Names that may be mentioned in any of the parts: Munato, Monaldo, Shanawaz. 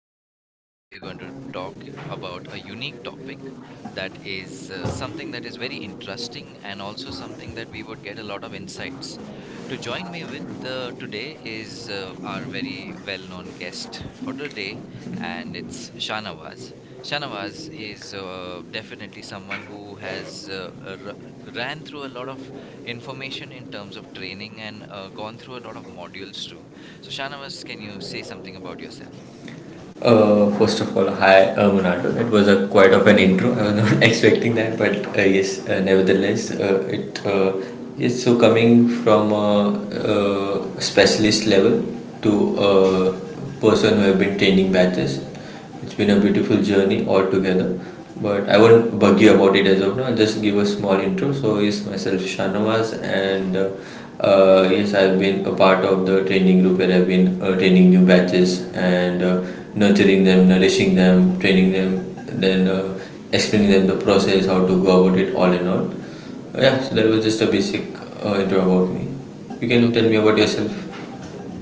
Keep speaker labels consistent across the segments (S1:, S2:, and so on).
S1: and today we are going to talk about a unique topic that is something that is very interesting and also something that we would get a lot of insights. To join me with today is our very well-known guest for the day, and it's Shanawaz. Shanawaz is definitely someone who has ran through a lot of information in terms of training and gone through a lot of modules too, so, Shanavas, can you say something about yourself?
S2: First of all, hi, Munato. It was a quite of an intro. I was not expecting that, but yes, nevertheless, it yes. So coming from a, specialist level to
S1: Mm-hmm,
S2: a person who have been training batches, it's been a beautiful journey altogether. But I won't bug you about it as of now. I'll just give a small intro. So yes, myself Shanawaz, and yes, I've been a part of the training group where I've been training new batches and
S1: mm-hmm.
S2: nurturing them, nourishing them, training them, then explaining them the process, how to go about it, all in all. Yeah,
S1: Okay,
S2: so that was just a basic intro about me. You can tell me
S1: okay.
S2: about yourself.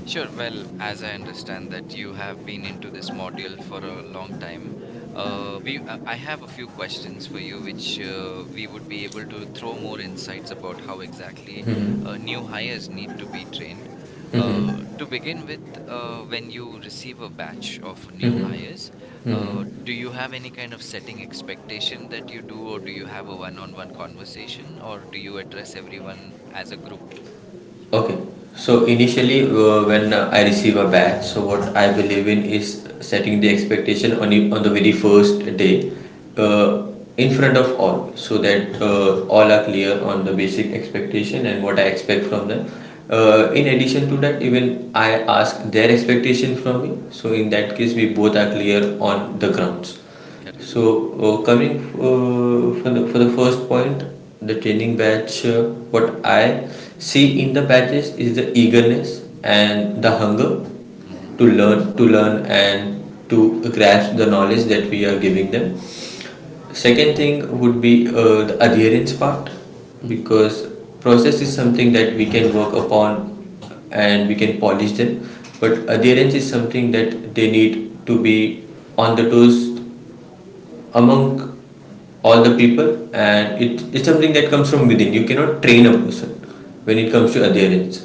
S1: Sure. Well, as I understand that you have been into this module for a long time, we I have a few questions for you, which we would be able to throw more insights about how exactly new hires need to be trained. To begin with, when you receive a batch of new hires, do you have any kind of setting expectation that you do, or do you have a one-on-one conversation, or do you address everyone as a group?
S2: Okay. So initially, when I receive a batch, so what I believe in is setting the expectation on on the very first day,
S1: Mm-hmm.
S2: uh, in front of all, so that all are clear on the basic expectation and what I expect from them. In addition to that, even I ask their expectation from me. So in that case, we both are clear on the grounds.
S1: Correct.
S2: So, coming for the first point, the training batch, what I see in the batches is the eagerness and the hunger
S1: Mm-hmm.
S2: to learn, and to grasp the knowledge that we are giving them. Second thing would be the adherence part,
S1: Mm-hmm.
S2: because process is something that we can work upon and we can polish them, but adherence is something that they need to be on the toes among all the people, and it's something that comes from within. You cannot train a person when it comes to adherence.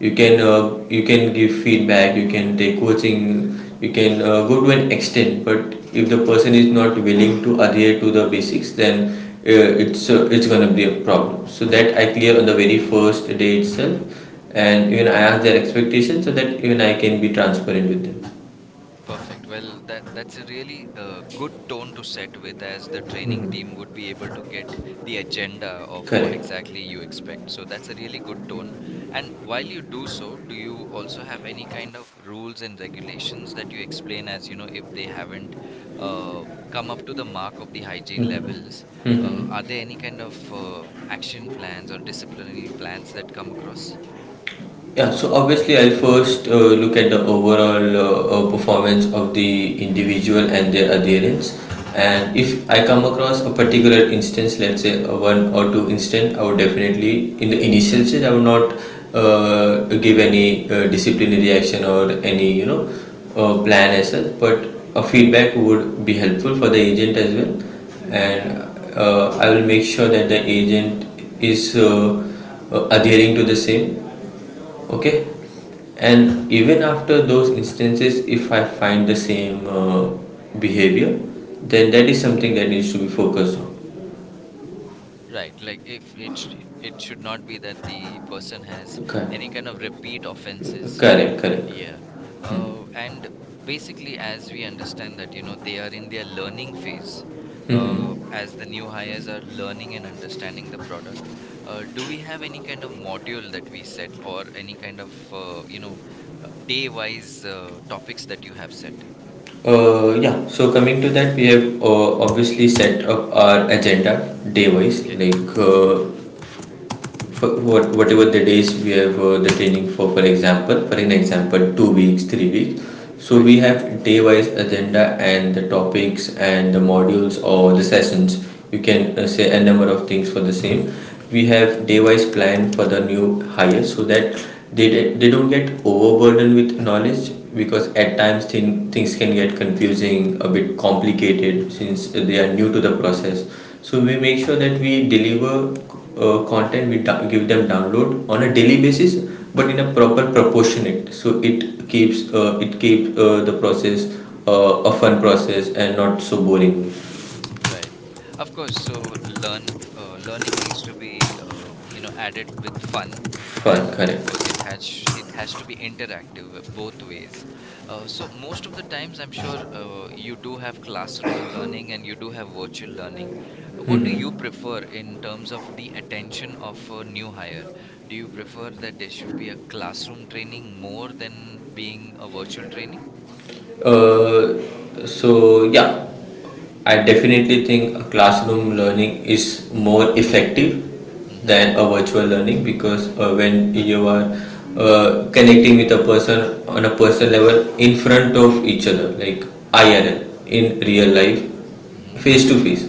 S2: You can
S1: Correct.
S2: you can give feedback, you can take coaching, you can go to an extent, but if the person is not willing to adhere to the basics, then it's gonna be a problem. So that I clear on the
S1: Okay,
S2: very first day itself, and even I ask their expectations so that even I can be transparent with them.
S1: perfect. Well, that's a really good tone to set with, as the training team would be able to get the agenda of what
S2: Correct.
S1: exactly you expect. So that's a really good tone. And while you do so, do you also have any kind of rules and regulations that you explain as, you know, if they haven't uh, come up to the mark of the hygiene levels? Are there any kind of action plans or disciplinary plans that come across?
S2: Yeah, so obviously I'll first look at the overall performance of the individual and their adherence.
S1: Mm-hmm.
S2: And if I come across a particular instance, let's say a one or two instance, I would definitely, in the initial stage, I would not give any disciplinary action or any, you know, plan as such, but a feedback would be helpful for the agent as well.
S1: Mm-hmm.
S2: And I will make sure that the agent is adhering to the same. Okay.
S1: Okay.
S2: And even after those instances, if I find the same behavior, then that is something that needs to be focused on.
S1: Right, like if it should not be that the person has
S2: Okay.
S1: any kind of repeat offenses.
S2: Correct, correct.
S1: Yeah. And basically, as we understand that, you know, they are in their learning phase. As the new hires are learning and understanding the product, do we have any kind of module that we set or any kind of day-wise topics that you have set?
S2: Uh, yeah so coming to that, we have obviously set up our agenda day wise,
S1: Okay,
S2: like whatever the days we have the training for. For example, for an example 2 weeks, 3 weeks. So
S1: right,
S2: we have day wise agenda and the topics and the modules or the sessions, you can say a number of things for the same. We have
S1: right.
S2: day wise plan for the new hire so that they don't get overburdened with knowledge, because at times things can get confusing, a bit complicated, since they are new to the process. So we make sure that we deliver content, we give them download on a daily basis, but in a proper proportionate, so it keeps the process a fun process and not so boring.
S1: Right. Of course, so learning needs to be added with fun,
S2: Fun,
S1: and of course
S2: correct.
S1: it has to be interactive both ways. So most of the times, I'm sure you do have classroom learning and you do have virtual learning. What do you prefer in terms of the attention of a new hire? Do you prefer that there should be a classroom training more than being a virtual training?
S2: Uh, so yeah, I definitely think a classroom learning is more effective
S1: Mm-hmm.
S2: than a virtual learning, because when you are connecting with a person on a personal level in front of each other, like IRL, in
S1: Mm-hmm.
S2: real life,
S1: Mm-hmm.
S2: face to face,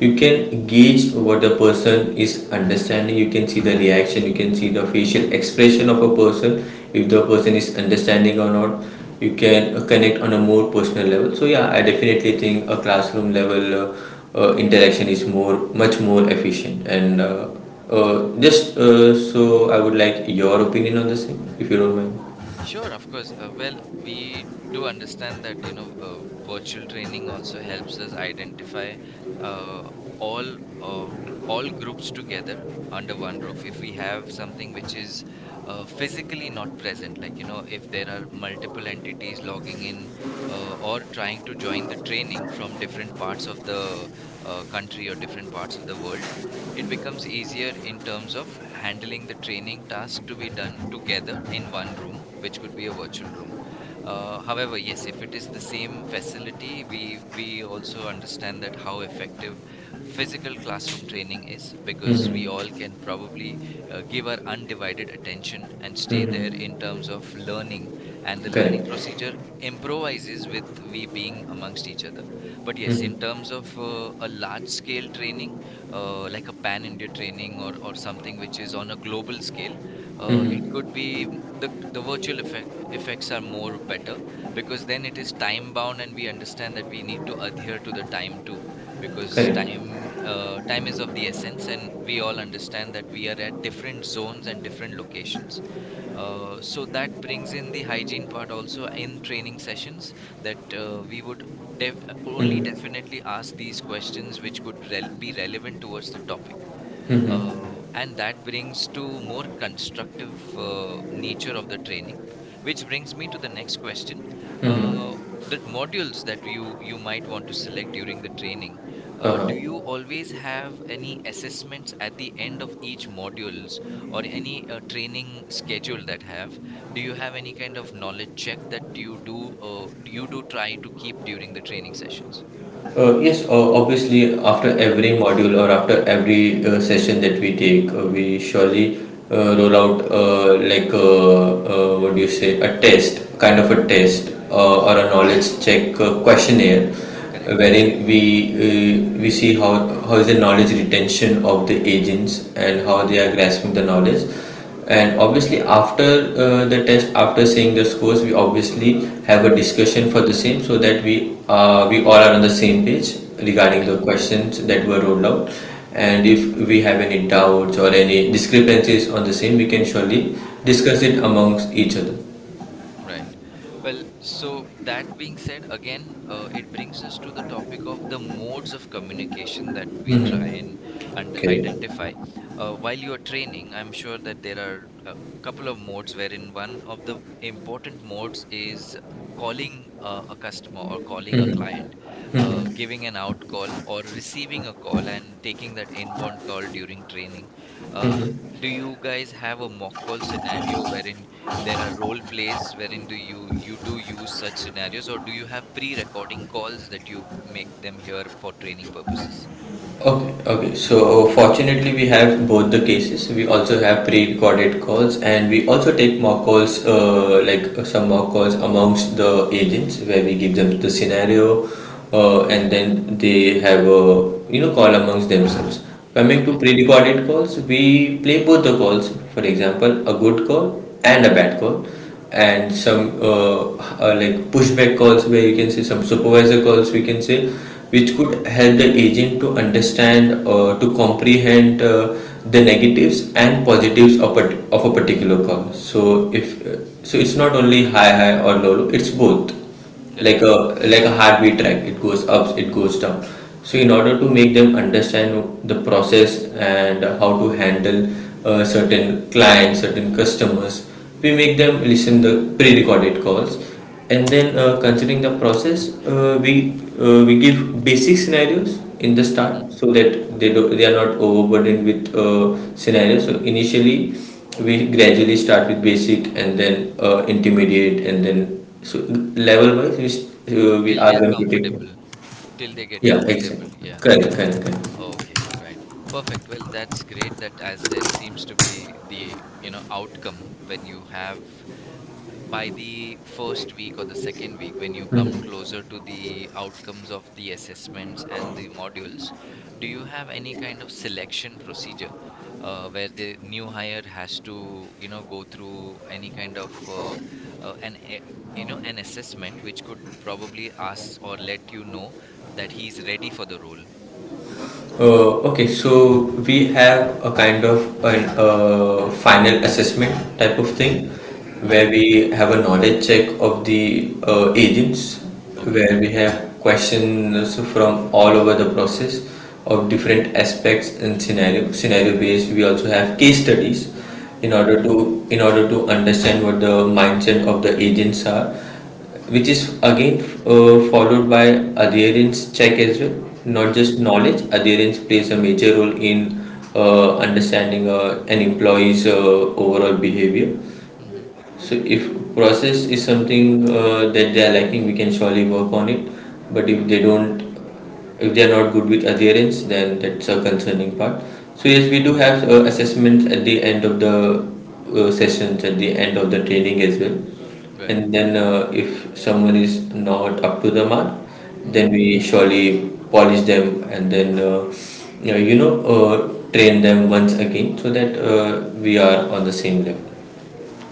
S2: you can gauge what the person is understanding. You can see the reaction, you can see the facial expression of a person, if the person is understanding or not. You can connect on a more personal level. So yeah, I definitely think a classroom level interaction is more, much more efficient, and
S1: Mm-hmm.
S2: just so I would like your opinion on the same, if you don't mind.
S1: Sure, of course. Well, we do understand that, you know, virtual training also helps us identify uh, all uh, all groups together under one roof. If we have something which is physically not present, like, you know, if there are multiple entities logging in, or trying to join the training from different parts of the country or different parts of the world, it becomes easier in terms of handling the training task to be done together in one room, which could be a virtual room. However, yes, if it is the same facility, we also understand that how effective physical classroom training is, because we
S2: Mm-hmm.
S1: all can probably give our undivided attention and stay there in
S2: Mm-hmm.
S1: terms of learning, and the learning
S2: Correct.
S1: procedure improvises with we being amongst each other. But yes, in
S2: Mm-hmm.
S1: terms of a large scale training, like a pan India training or something which is on a global scale, it could
S2: Mm-hmm.
S1: be m- the virtual effect effects are more better, because then it is time bound and we understand that we need to adhere to the time too, because
S2: Correct.
S1: time is of the essence, and we all understand that we are at different zones and different locations. So that brings in the hygiene part also in training sessions, that we would de- only
S2: Mm-hmm.
S1: definitely ask these questions which could be relevant towards the topic,
S2: Mm-hmm.
S1: and that brings to more constructive nature of the training, which brings me to the next question. uh,
S2: Mm-hmm.
S1: the modules that you might want to select during the training,
S2: Uh-huh.
S1: do you always have any assessments at the end of each modules or any training schedule? That have Do you have any kind of knowledge check that you do try to keep during the training sessions?
S2: Yes, obviously, after every module or after every session that we take, we surely roll out what do you say, a test, kind of a test or a knowledge check questionnaire,
S1: Correct.
S2: wherein we see how is the knowledge retention of the agents and how
S1: Hmm.
S2: they are grasping the knowledge. And
S1: Hmm.
S2: obviously, after the test, after seeing the scores, we obviously have a discussion for the same, so that we all are on the same page regarding the
S1: Correct.
S2: questions that were rolled out. And if we have any doubts or any discrepancies on the same, we can surely discuss it amongst each other.
S1: Right. Well, so that being said, again, it brings us to the topic of the modes of communication that we try and
S2: Okay.
S1: identify. While you're training, I'm sure that there are a couple of modes wherein one of the important modes is calling a customer or calling a client, giving an out call or receiving a call and taking that inbound call during training. Uh, do you guys have a mock call scenario wherein there are role plays, wherein do you you do use such scenarios, or do you have pre-recording calls that you make them here for training purposes?
S2: Okay, okay. So fortunately, we have both the cases. We also have pre-recorded calls, and we also take mock calls, some mock calls amongst the agents, where we give them the scenario, and then they have a you know call amongst themselves. Coming to
S1: Okay.
S2: pre-recorded calls, we play both the calls. For example, a good call and a bad call, and some like pushback calls, where you can say some supervisor calls, we can say, which
S1: Mm-hmm.
S2: could help the agent to understand or to comprehend the negatives and positives of of a particular call. So it's not only high high or low low, it's both, like a
S1: Correct.
S2: like a heartbeat track, it goes up, it goes down. So in order to make them understand the process and how to handle certain clients, certain customers, we make them listen the pre-recorded calls, and then considering the process, we give basic scenarios in the
S1: Mm-hmm.
S2: start, so that they are not overburdened with scenarios. So initially we gradually start with basic and then intermediate and then so level wise, we
S1: Till they
S2: ask
S1: are
S2: them to take it.
S1: comfortable, till they get
S2: Yeah,
S1: comfortable,
S2: exactly.
S1: yeah.
S2: Correct, correct, correct.
S1: Okay, all right, perfect. Well, that's great. That as there seems to be the outcome, when you have by the first week or the second week, when you come closer to the outcomes of the assessments and the modules, do you have any kind of selection procedure where the new hire has to, you know, go through any kind of an e- you know an assessment which could probably ask or let you know that he's ready for the role?
S2: Okay, so we have a kind of an final assessment type of
S1: Mm-hmm.
S2: thing,
S1: Mm-hmm.
S2: where we have a knowledge check of the agents,
S1: Okay,
S2: where we have questions from all over the process of different aspects and scenario based. We also have case studies
S1: okay.
S2: in order to understand what the mindset of the agents are, which is again followed by adherence check as well. Not
S1: Mm-hmm.
S2: just knowledge, adherence plays a major role in understanding an employee's overall behavior.
S1: Mm-hmm.
S2: So if process is something that they are lacking, we can surely work on it, but if they don't, if they are not good with adherence, then that's a concerning part. So yes, we
S1: Right,
S2: do have assessments at the end of the sessions, at the end of the training as well.
S1: right.
S2: And then if someone is not up to the mark,
S1: Mm-hmm.
S2: then we surely polish them and then yeah, you know train them once again so that we are on the same level.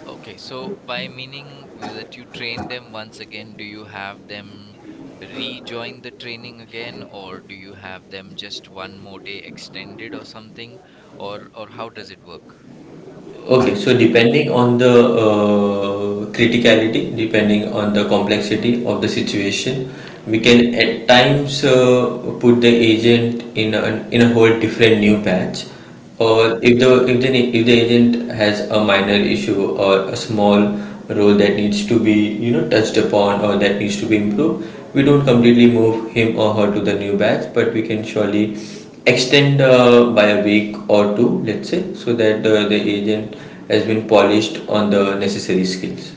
S1: Okay, so by meaning will that you train them once again, do you have them rejoin the training again, or do you have them just one more day extended or something, or how does it work?
S2: Okay, so depending on the criticality, depending on the complexity of the situation, we
S1: Hmm.
S2: can at times put the agent in in a whole different new patch,
S1: Okay,
S2: or if the if the if the agent has a minor issue or a small role that needs to be you know touched upon or that needs to be improved, we don't completely move him or her to the new batch, but we can surely extend by a week or two, let's say, so that the agent has been polished on the necessary skills.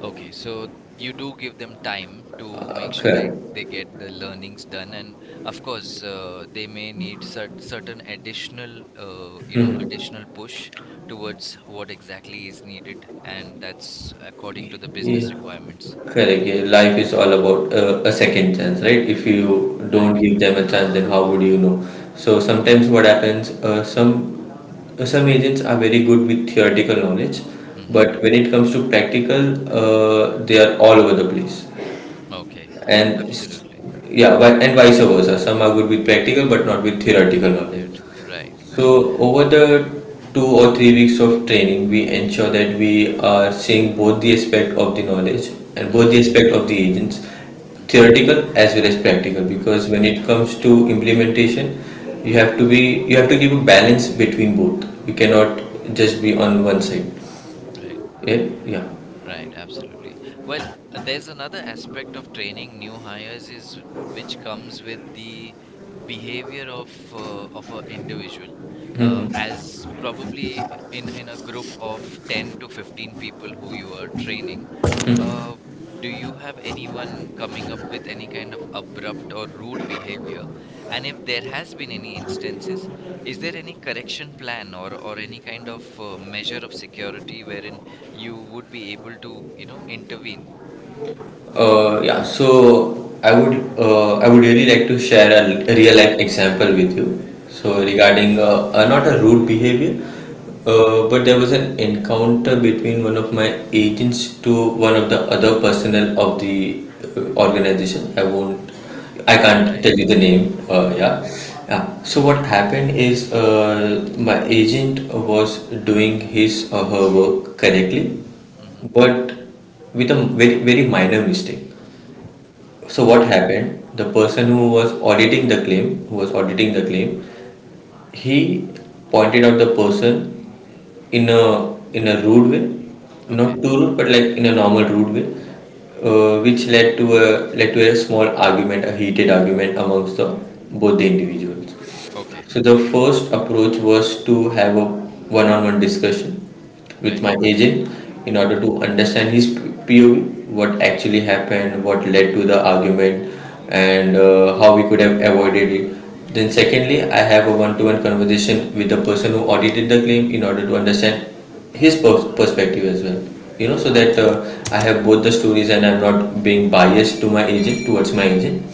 S1: okay, so you do give them time to
S2: uh,
S1: make sure
S2: correct
S1: they get the learnings done, and of course, they may need certain additional, additional push towards what exactly is needed, and that's according to the
S2: Yeah,
S1: business requirements.
S2: correct. Yeah, life is all about a second chance, right? If you don't
S1: Right.
S2: give them a chance, then how would you know? So sometimes what happens, some agents are very good with theoretical knowledge,
S1: Mm-hmm.
S2: but when it comes to practical, they are all over the place.
S1: Okay.
S2: And s-
S1: Absolutely.
S2: yeah, and vice versa. Some are good with practical, but not with theoretical
S1: There.
S2: knowledge.
S1: Right. Right.
S2: So over the 2 or 3 weeks of training, we ensure that we are seeing both the aspect of the knowledge and both
S1: Mm-hmm.
S2: the aspect of the agents,
S1: Mm-hmm.
S2: theoretical as well as practical.
S1: Right,
S2: Because
S1: right.
S2: when it comes to implementation, you have to give a balance between both. You cannot just be on one side.
S1: Right.
S2: Yeah, yeah.
S1: Right, absolutely. Well, there's another aspect of training new hires, is which comes with the behavior of of an individual. As probably in a group of 10 to 15 people who you are training, uh, do you have anyone coming up with any kind of abrupt or rude behavior? And if there has been any instances, is there any correction plan or any kind of measure of security wherein you would be able to, you know, intervene.
S2: Yeah, so I would really like to share a real life example with you. So
S1: Mm-hmm.
S2: regarding not a rude behavior,
S1: Mm-hmm.
S2: but there was an encounter between one of my agents to one of the other personnel of the organization. I can't
S1: Right.
S2: tell you the name.
S1: Right.
S2: Yeah, yeah. So what happened is my agent was doing his or her work correctly,
S1: Mm-hmm. Mm-hmm.
S2: but with a very minor mistake. So what
S1: Mm-hmm.
S2: happened? The person who was auditing the claim, he pointed out the person in a rude way, not
S1: Okay.
S2: too rude, but like in a normal rude way, which led to a small argument, a heated argument amongst the both the individuals.
S1: Okay.
S2: So the first approach was to have a one-on-one discussion with
S1: Right.
S2: my agent in order
S1: Okay.
S2: to understand his POV, what actually happened, what led to the argument, and how we could have avoided it. Then secondly, I have a one-to-one conversation with the person who audited the claim in order to understand his perspective as well. You know, so that I have both the stories and I'm not being biased to my agent towards my agent.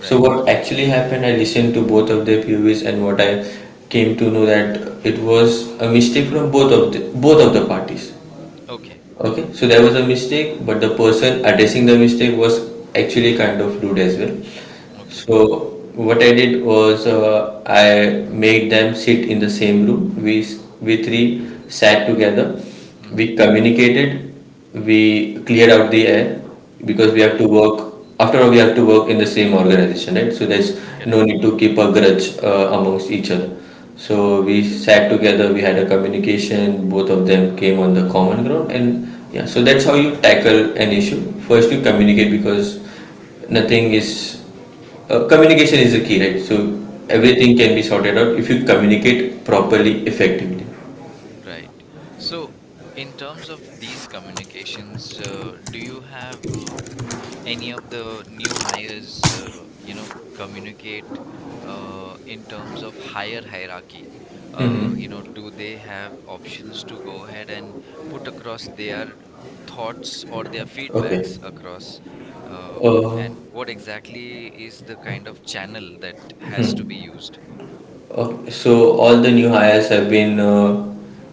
S2: So what actually happened, I listened to both of their POVs, and what I came to know that it was a mistake from both of the parties.
S1: Okay.
S2: Okay, so there was a mistake, but the person addressing the mistake was actually kind of rude as well.
S1: Okay.
S2: So what I did was, I made them sit in the same room. We three sat together. We
S1: Mm-hmm.
S2: communicated. We cleared out the air because we have to
S1: Okay.
S2: work. After all, we have to work in the same organization, right? So there's no
S1: Correct.
S2: need to keep a grudge amongst each other. So we sat together. We had a communication. Both of them came on the common ground, and yeah. So that's how you tackle an issue. First, you communicate because nothing is communication is the key, right? So
S1: Right.
S2: everything can be sorted out if you communicate properly, effectively.
S1: Right. So, in terms of these communications, do you have any of the new hires communicate in terms of higher hierarchy,
S2: Mm-hmm.
S1: do they have options to go ahead and put across their thoughts or their
S2: Okay.
S1: feedbacks across, uh,
S2: Uh,
S1: and what exactly is the kind of channel that has to be used?
S2: okay. So all the new hires have been uh,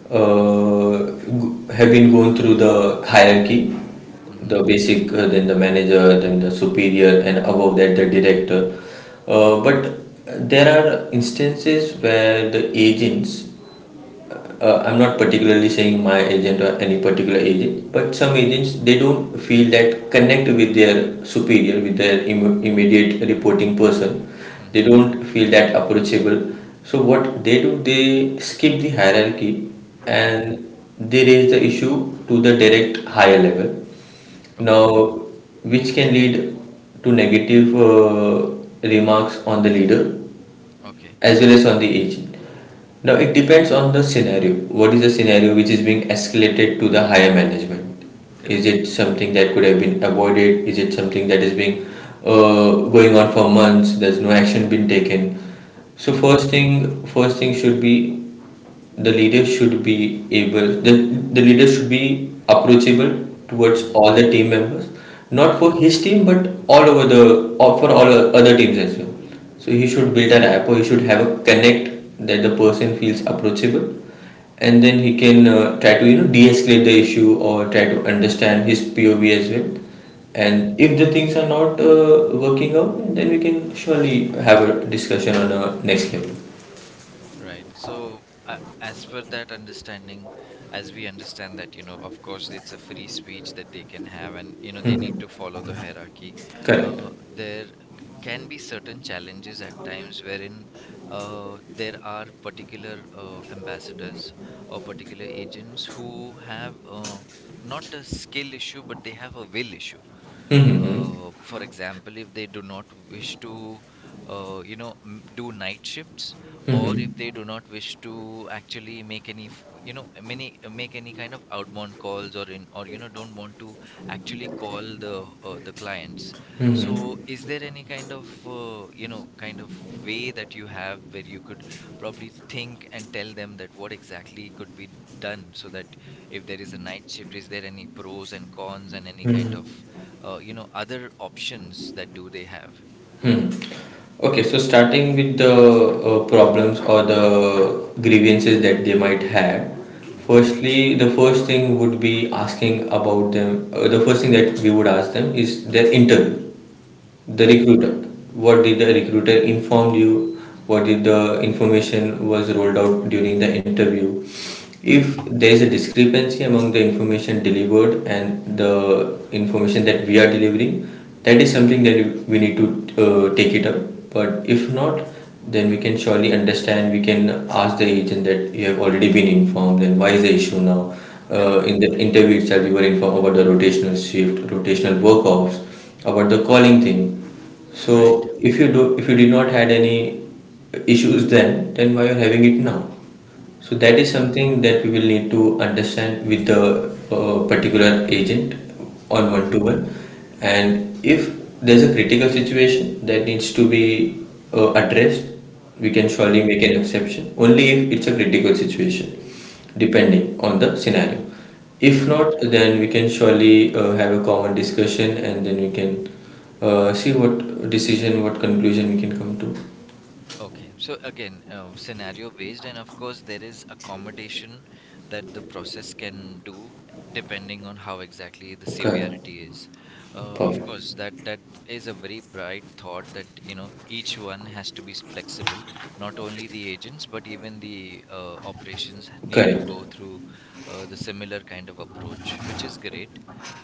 S2: uh, g- have been going through the hierarchy,
S1: Mm-hmm,
S2: the basic, then the manager, then the superior, and above that the director. Uh,
S1: mm-hmm,
S2: but there are instances where the agents, I'm not particularly saying my agent or any particular agent, but some agents they don't feel that connect with their superior, with their immediate reporting person. They
S1: mm-hmm,
S2: don't feel that approachable. So what they do, they skip the hierarchy
S1: mm-hmm.
S2: and they raise the issue to the direct higher level. Now,
S1: Okay,
S2: which can lead to negative remarks on the leader
S1: okay.
S2: as well as on the agent. Now it depends on the scenario. What is the scenario which is being escalated to the higher management? Is
S1: Correct.
S2: it something that could have been avoided? Is it something that is being going on for months? There's no action been taken. So
S1: Mm-hmm,
S2: first thing should be the leader should be able the, the leader should be approachable towards
S1: mm-hmm.
S2: all the team members, not
S1: Correct.
S2: for his team but all over the or for all other teams as well. So he should build a rapport, he should have a connect that the person feels approachable, and then he can try to, you know, de-escalate the issue or try to understand his POV as well.
S1: Right.
S2: And if the things are not working out, then we can surely have a discussion on a next level.
S1: Right. So, as per that understanding, as we understand that, you know, of course, it's a free speech that they can have, and, you know, they need to follow the hierarchy.
S2: Correct.
S1: There can be certain challenges at times wherein there are particular ambassadors or particular agents who have not a skill issue, but they have a will issue.
S2: Mm-hmm. Mm-hmm.
S1: For example, if they do not wish to, do night shifts, or
S2: Mm-hmm.
S1: if they do not wish to actually make any, f- you know, many make any kind of outbound calls, or in, or you know, don't want to actually call the clients.
S2: Mm-hmm.
S1: So, is there any kind of, kind of way that you have where you could probably think and tell them that what exactly could be done, so that if there is a night shift, is there any pros and cons and any kind
S2: Mm-hmm.
S1: of other options that do they have?
S2: Hmm. Okay, so starting with the problems or the grievances that they might have,
S1: Mm-hmm.
S2: firstly, the first thing would be asking about them. The first thing that we would ask them is their interview. The
S1: Right,
S2: recruiter, what did the recruiter informed you, what did the information was rolled out during the interview.
S1: right.
S2: If there is a discrepancy among the information delivered and the information that we are delivering, that is something that we need to take it up. But if not, then we can surely understand, we can ask the agent that you have already been informed, then why is the issue now?
S1: Correct.
S2: In the interview itself you were informed about the rotational shift, rotational work offs, about the calling thing. So
S1: Right,
S2: if you do, if you did not had any issues, then why you're having it now? So that is
S1: right.
S2: something that we will need to understand with the particular agent on
S1: Mm-hmm.
S2: one to one. And if there's a critical situation that needs to be addressed, we can
S1: Mm-hmm.
S2: surely make an exception only if it's a critical situation, depending on the scenario. If
S1: Okay.
S2: not, then we can surely have a common discussion and then we can see what decision, what conclusion we can come to.
S1: Okay, so again, scenario based, and of course, there is accommodation that the process can do depending on how exactly the
S2: Correct.
S1: severity is. Of
S2: Perfect.
S1: course, that is a very bright thought that you know each one has to be flexible. Not only the agents, but even the operations need to
S2: Correct.
S1: go through the similar kind of approach, which is great.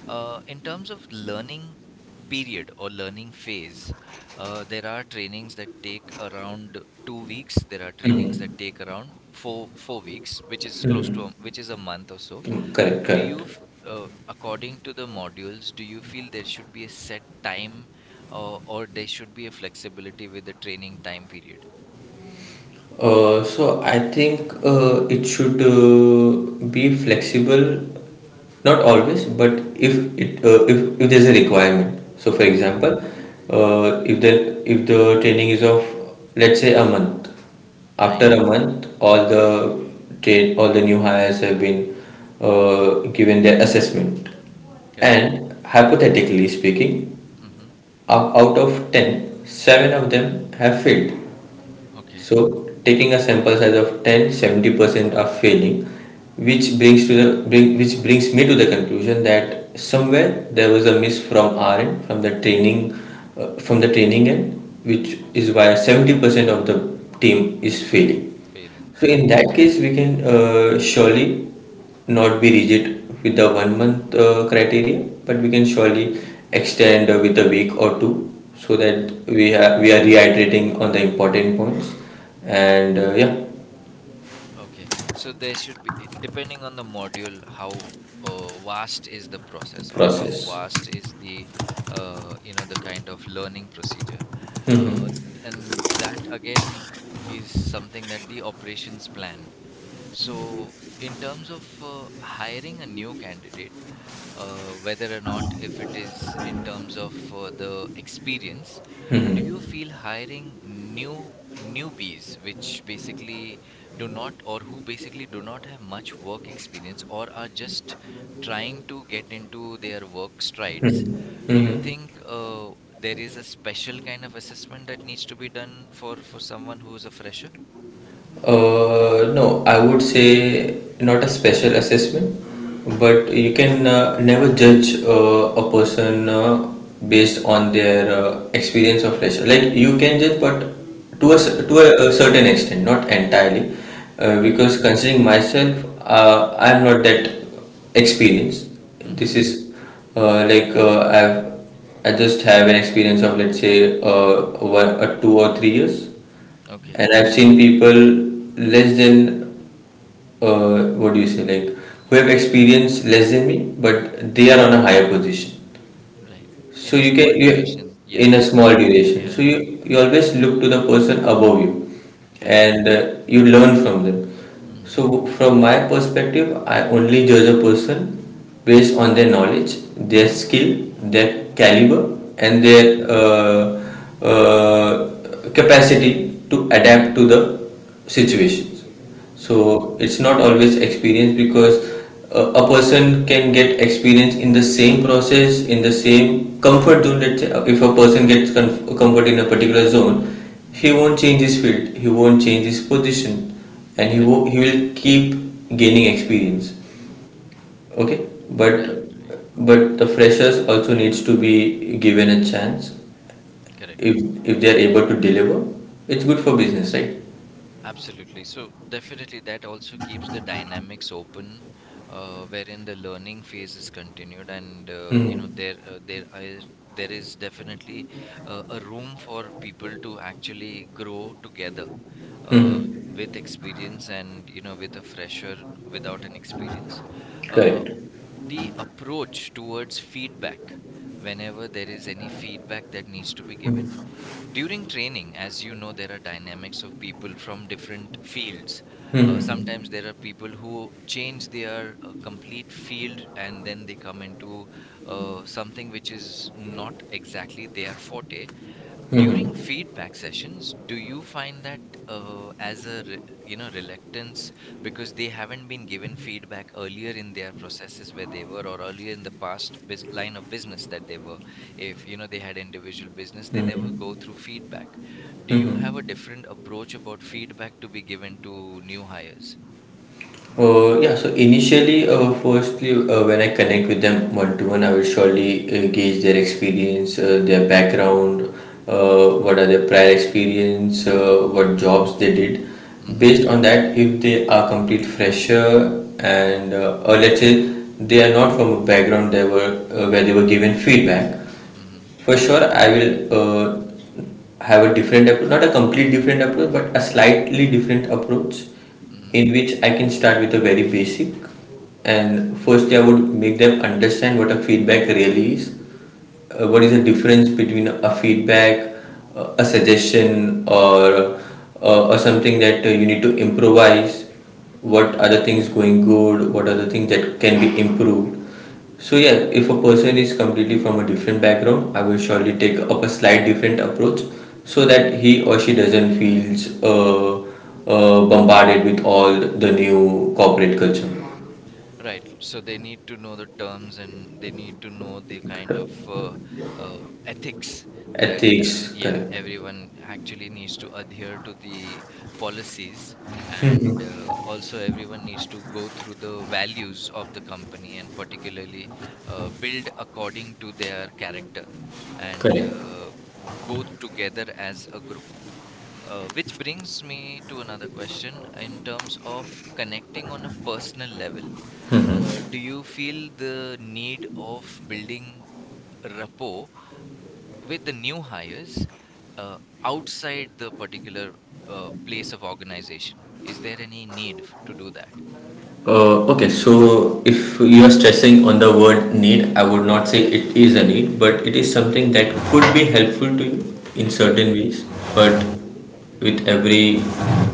S1: In terms of learning period or learning phase, there are trainings that take around 2 weeks. There are trainings that take around four weeks, which is close to a- which is a month or so.
S2: Correct. Correct.
S1: According to the modules, do you feel there should be a set time, or there should be a flexibility with the training time period?
S2: So I think it should be flexible, not always, but if it if there's a requirement. So for
S1: Mm-hmm.
S2: example, if the training is of, let's say, a month, after
S1: Right.
S2: a month, all the new hires have been given their assessment,
S1: Correct.
S2: and hypothetically speaking,
S1: Mm-hmm.
S2: out of 10, 7 of them have failed,
S1: Okay.
S2: so taking a sample size of 10, 70% are failing, which brings which brings me to the conclusion that somewhere there was a miss from our end, from the training end, which is why 70% of the team is failing.
S1: Failing.
S2: So
S1: Yeah.
S2: in that case, we can surely not be rigid with the 1 month criteria, but we can surely extend with a week or two, so that
S1: Mhm.
S2: we are reiterating on the important points, and yeah,
S1: Okay. So there should be, depending on the module, how vast is the process or how
S2: process.
S1: vast is the, the kind of learning procedure. Uh, and that again is something that the operations plan. So in terms of hiring a new candidate, whether or not if it is in terms of the experience, do you
S2: Hmm.
S1: feel hiring newbies, which basically do not, or who basically do not have much work experience, or are just trying to get into their work strides?
S2: Hmm.
S1: Do you
S2: Hmm.
S1: think there is a special kind of assessment that needs to be done for someone who is a fresher?
S2: No, I would say not a special assessment, but you can never judge a person based on their experience of leisure. Like you can judge, but to a
S1: Mm-hmm.
S2: a certain extent, not entirely, because considering myself, I'm not that experienced.
S1: Mm-hmm.
S2: This is like I just have an experience of, let's say, one, 2 or 3 years,
S1: Okay.
S2: and I've seen people less than what do you say, like, who have experience less than me, but they are on a higher position.
S1: Right. In
S2: So
S1: a
S2: you
S1: small
S2: can you
S1: duration, yeah,
S2: in a
S1: they
S2: small
S1: are.
S2: duration. So
S1: Yeah.
S2: you always look to the person above you,
S1: Correct.
S2: and you learn from them.
S1: Mhm.
S2: So from my perspective, I only judge a person based on their knowledge, their skill, their caliber, and
S1: Mhm.
S2: their capacity to adapt to the situations.
S1: Right.
S2: So it's not always experience, because a person can get experience in the same process in the same comfort zone. Let's say, if a person gets comfort in a particular zone, he
S1: Mhm.
S2: won't change his field, he won't change his position, and
S1: Correct.
S2: he will keep gaining experience, okay,
S1: Right. Right.
S2: but the freshers also needs to be given a chance,
S1: Correct.
S2: if if they are able to deliver, it's good for business, right?
S1: Absolutely. So definitely that also keeps the dynamics open, wherein the learning phase is continued, and
S2: Hmm.
S1: there are, there is definitely a room for people to actually grow together uh,
S2: Hmm.
S1: with experience, and you know, with a fresher without an experience. Uh,
S2: Correct.
S1: the approach towards feedback, whenever there is any feedback that needs to be given during training, as you know, there are dynamics of people from different fields.
S2: Hmm.
S1: Sometimes there are people who change their complete field, and then they come into something which is not exactly their forte.
S2: Mhm.
S1: During feedback sessions, do you find that as a re- you know reluctance, because they haven't been given feedback earlier in their processes where they were, or earlier in the past line of business that they were? If you know, they had individual business, they never
S2: Mhm.
S1: go through feedback. Do you have a
S2: Mhm.
S1: different approach about feedback to be given to new hires?
S2: Yeah, so initially, firstly, when I connect with them one to one, I will surely gauge their experience, their background, what are their prior experience, what jobs they did.
S1: Mm-hmm.
S2: Based on that, if they are complete fresher and or let's say they are not from a background they were where they were given feedback,
S1: Mm-hmm.
S2: for sure, I will have a different approach, not a complete different approach, but a slightly different approach
S1: Mm-hmm.
S2: in which I can start with a very basic. And firstly, I would make them understand what a feedback really is, what is the difference between a feedback, a suggestion, or something that you need to improvise.
S1: Mm-hmm.
S2: What are the things going good? What are the things that can be improved? So yeah, if a person is completely from a different background, I will surely take up a slight different approach so that he or she doesn't feels bombarded with all the new corporate culture,
S1: Right. So they need to know the terms, and they need to know the kind of uh, ethics that,
S2: ethics,
S1: yeah,
S2: correct.
S1: everyone actually needs to adhere to, the policies. And also, everyone needs to go through the values of the company, and particularly build according to their character, and
S2: Correct.
S1: go together as a group. Which brings me to another question, in terms of connecting on a personal level, do you feel the need of building rapport with the new hires, uh, outside the particular place of organization? Is there any need to do that?
S2: Okay, so if you are stressing on the word need, I would not say it is a need, but it is something that could be helpful to you in
S1: Hmm.
S2: certain ways. But
S1: Hmm.
S2: with every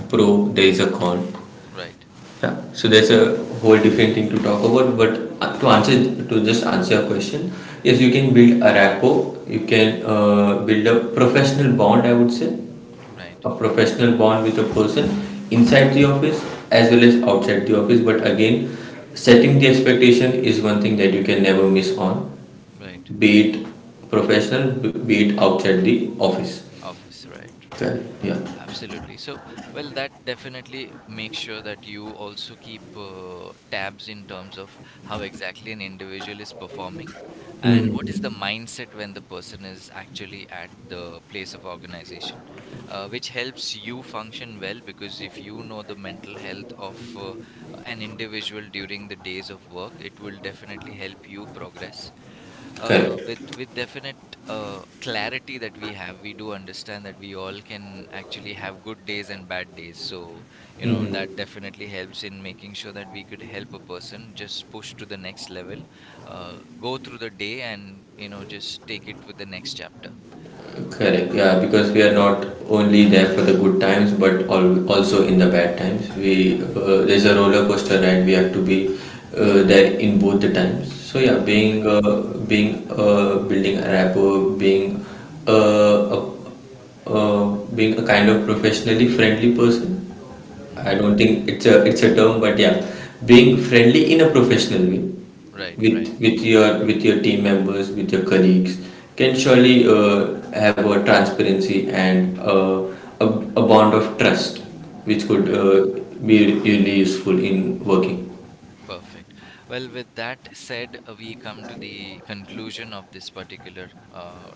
S2: pro, there is a con.
S1: Right,
S2: Yeah, so there's a whole different thing to talk about. But to just answer your question, yes, you can build a rapport, you can build a professional bond, I would say,
S1: right,
S2: a professional bond with a person inside the office as well as outside the office, but again, setting the expectation is one thing that you can never miss on,
S1: right.
S2: be it professional, be it outside the office.
S1: Office, right, right.
S2: Correct, yeah.
S1: Absolutely. So, well, that definitely makes sure that you also keep tabs in terms of how exactly an individual is performing, and what is the
S2: Hmm.
S1: mindset when the person is actually at the place of organization, which helps you function well, because if you know the mental health of an individual during the days of work, it will definitely help you progress.
S2: Correct.
S1: With definite clarity that we have, we do understand that we all can actually have good days and bad days. So, you know, that
S2: Hmm.
S1: definitely helps in making sure that we could help a person just push to the next level, go through the day, and you know, just take it with the next chapter.
S2: Correct, yeah, because we are not only there for the good times, but also in the bad times. We There's a roller coaster ride. We have to be there in both the times. So yeah, being
S1: Perfect.
S2: being building a rapport, being a uh, being a kind of professionally friendly person. I
S1: Hmm.
S2: don't think it's a term, but yeah, being friendly in a professional way
S1: Right,
S2: with
S1: right,
S2: your team members, with your colleagues, can surely have a transparency and a, a bond of trust, which could
S1: right.
S2: be really useful in working.
S1: Perfect. Well, with that said, we come to the conclusion of this particular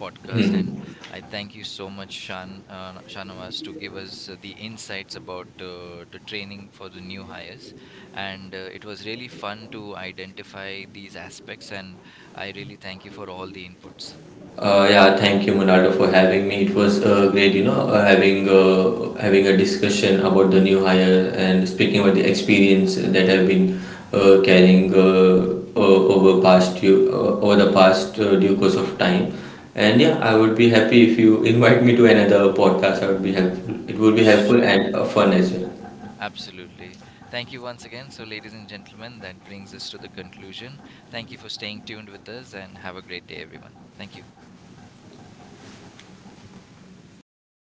S1: podcast, and
S2: Mhm.
S1: I thank you so much, Shanawaz, to give us the insights about the training for the new hires. And it was really fun to identify these aspects, and I really thank you for all the inputs.
S2: Yeah, thank you, Monaldo, for having me. It was great, you know, having a discussion about the new hire and speaking about the experience that I've been carrying over past few, over the past due course of time. And yeah, I would be happy if you invite me to another podcast. I would be helpful. It would be helpful
S1: Surely.
S2: and fun as well.
S1: Absolutely. Thank you once again. So, ladies and gentlemen, that brings us to the conclusion. Thank you for staying tuned with us, and have a great day, everyone. Thank you.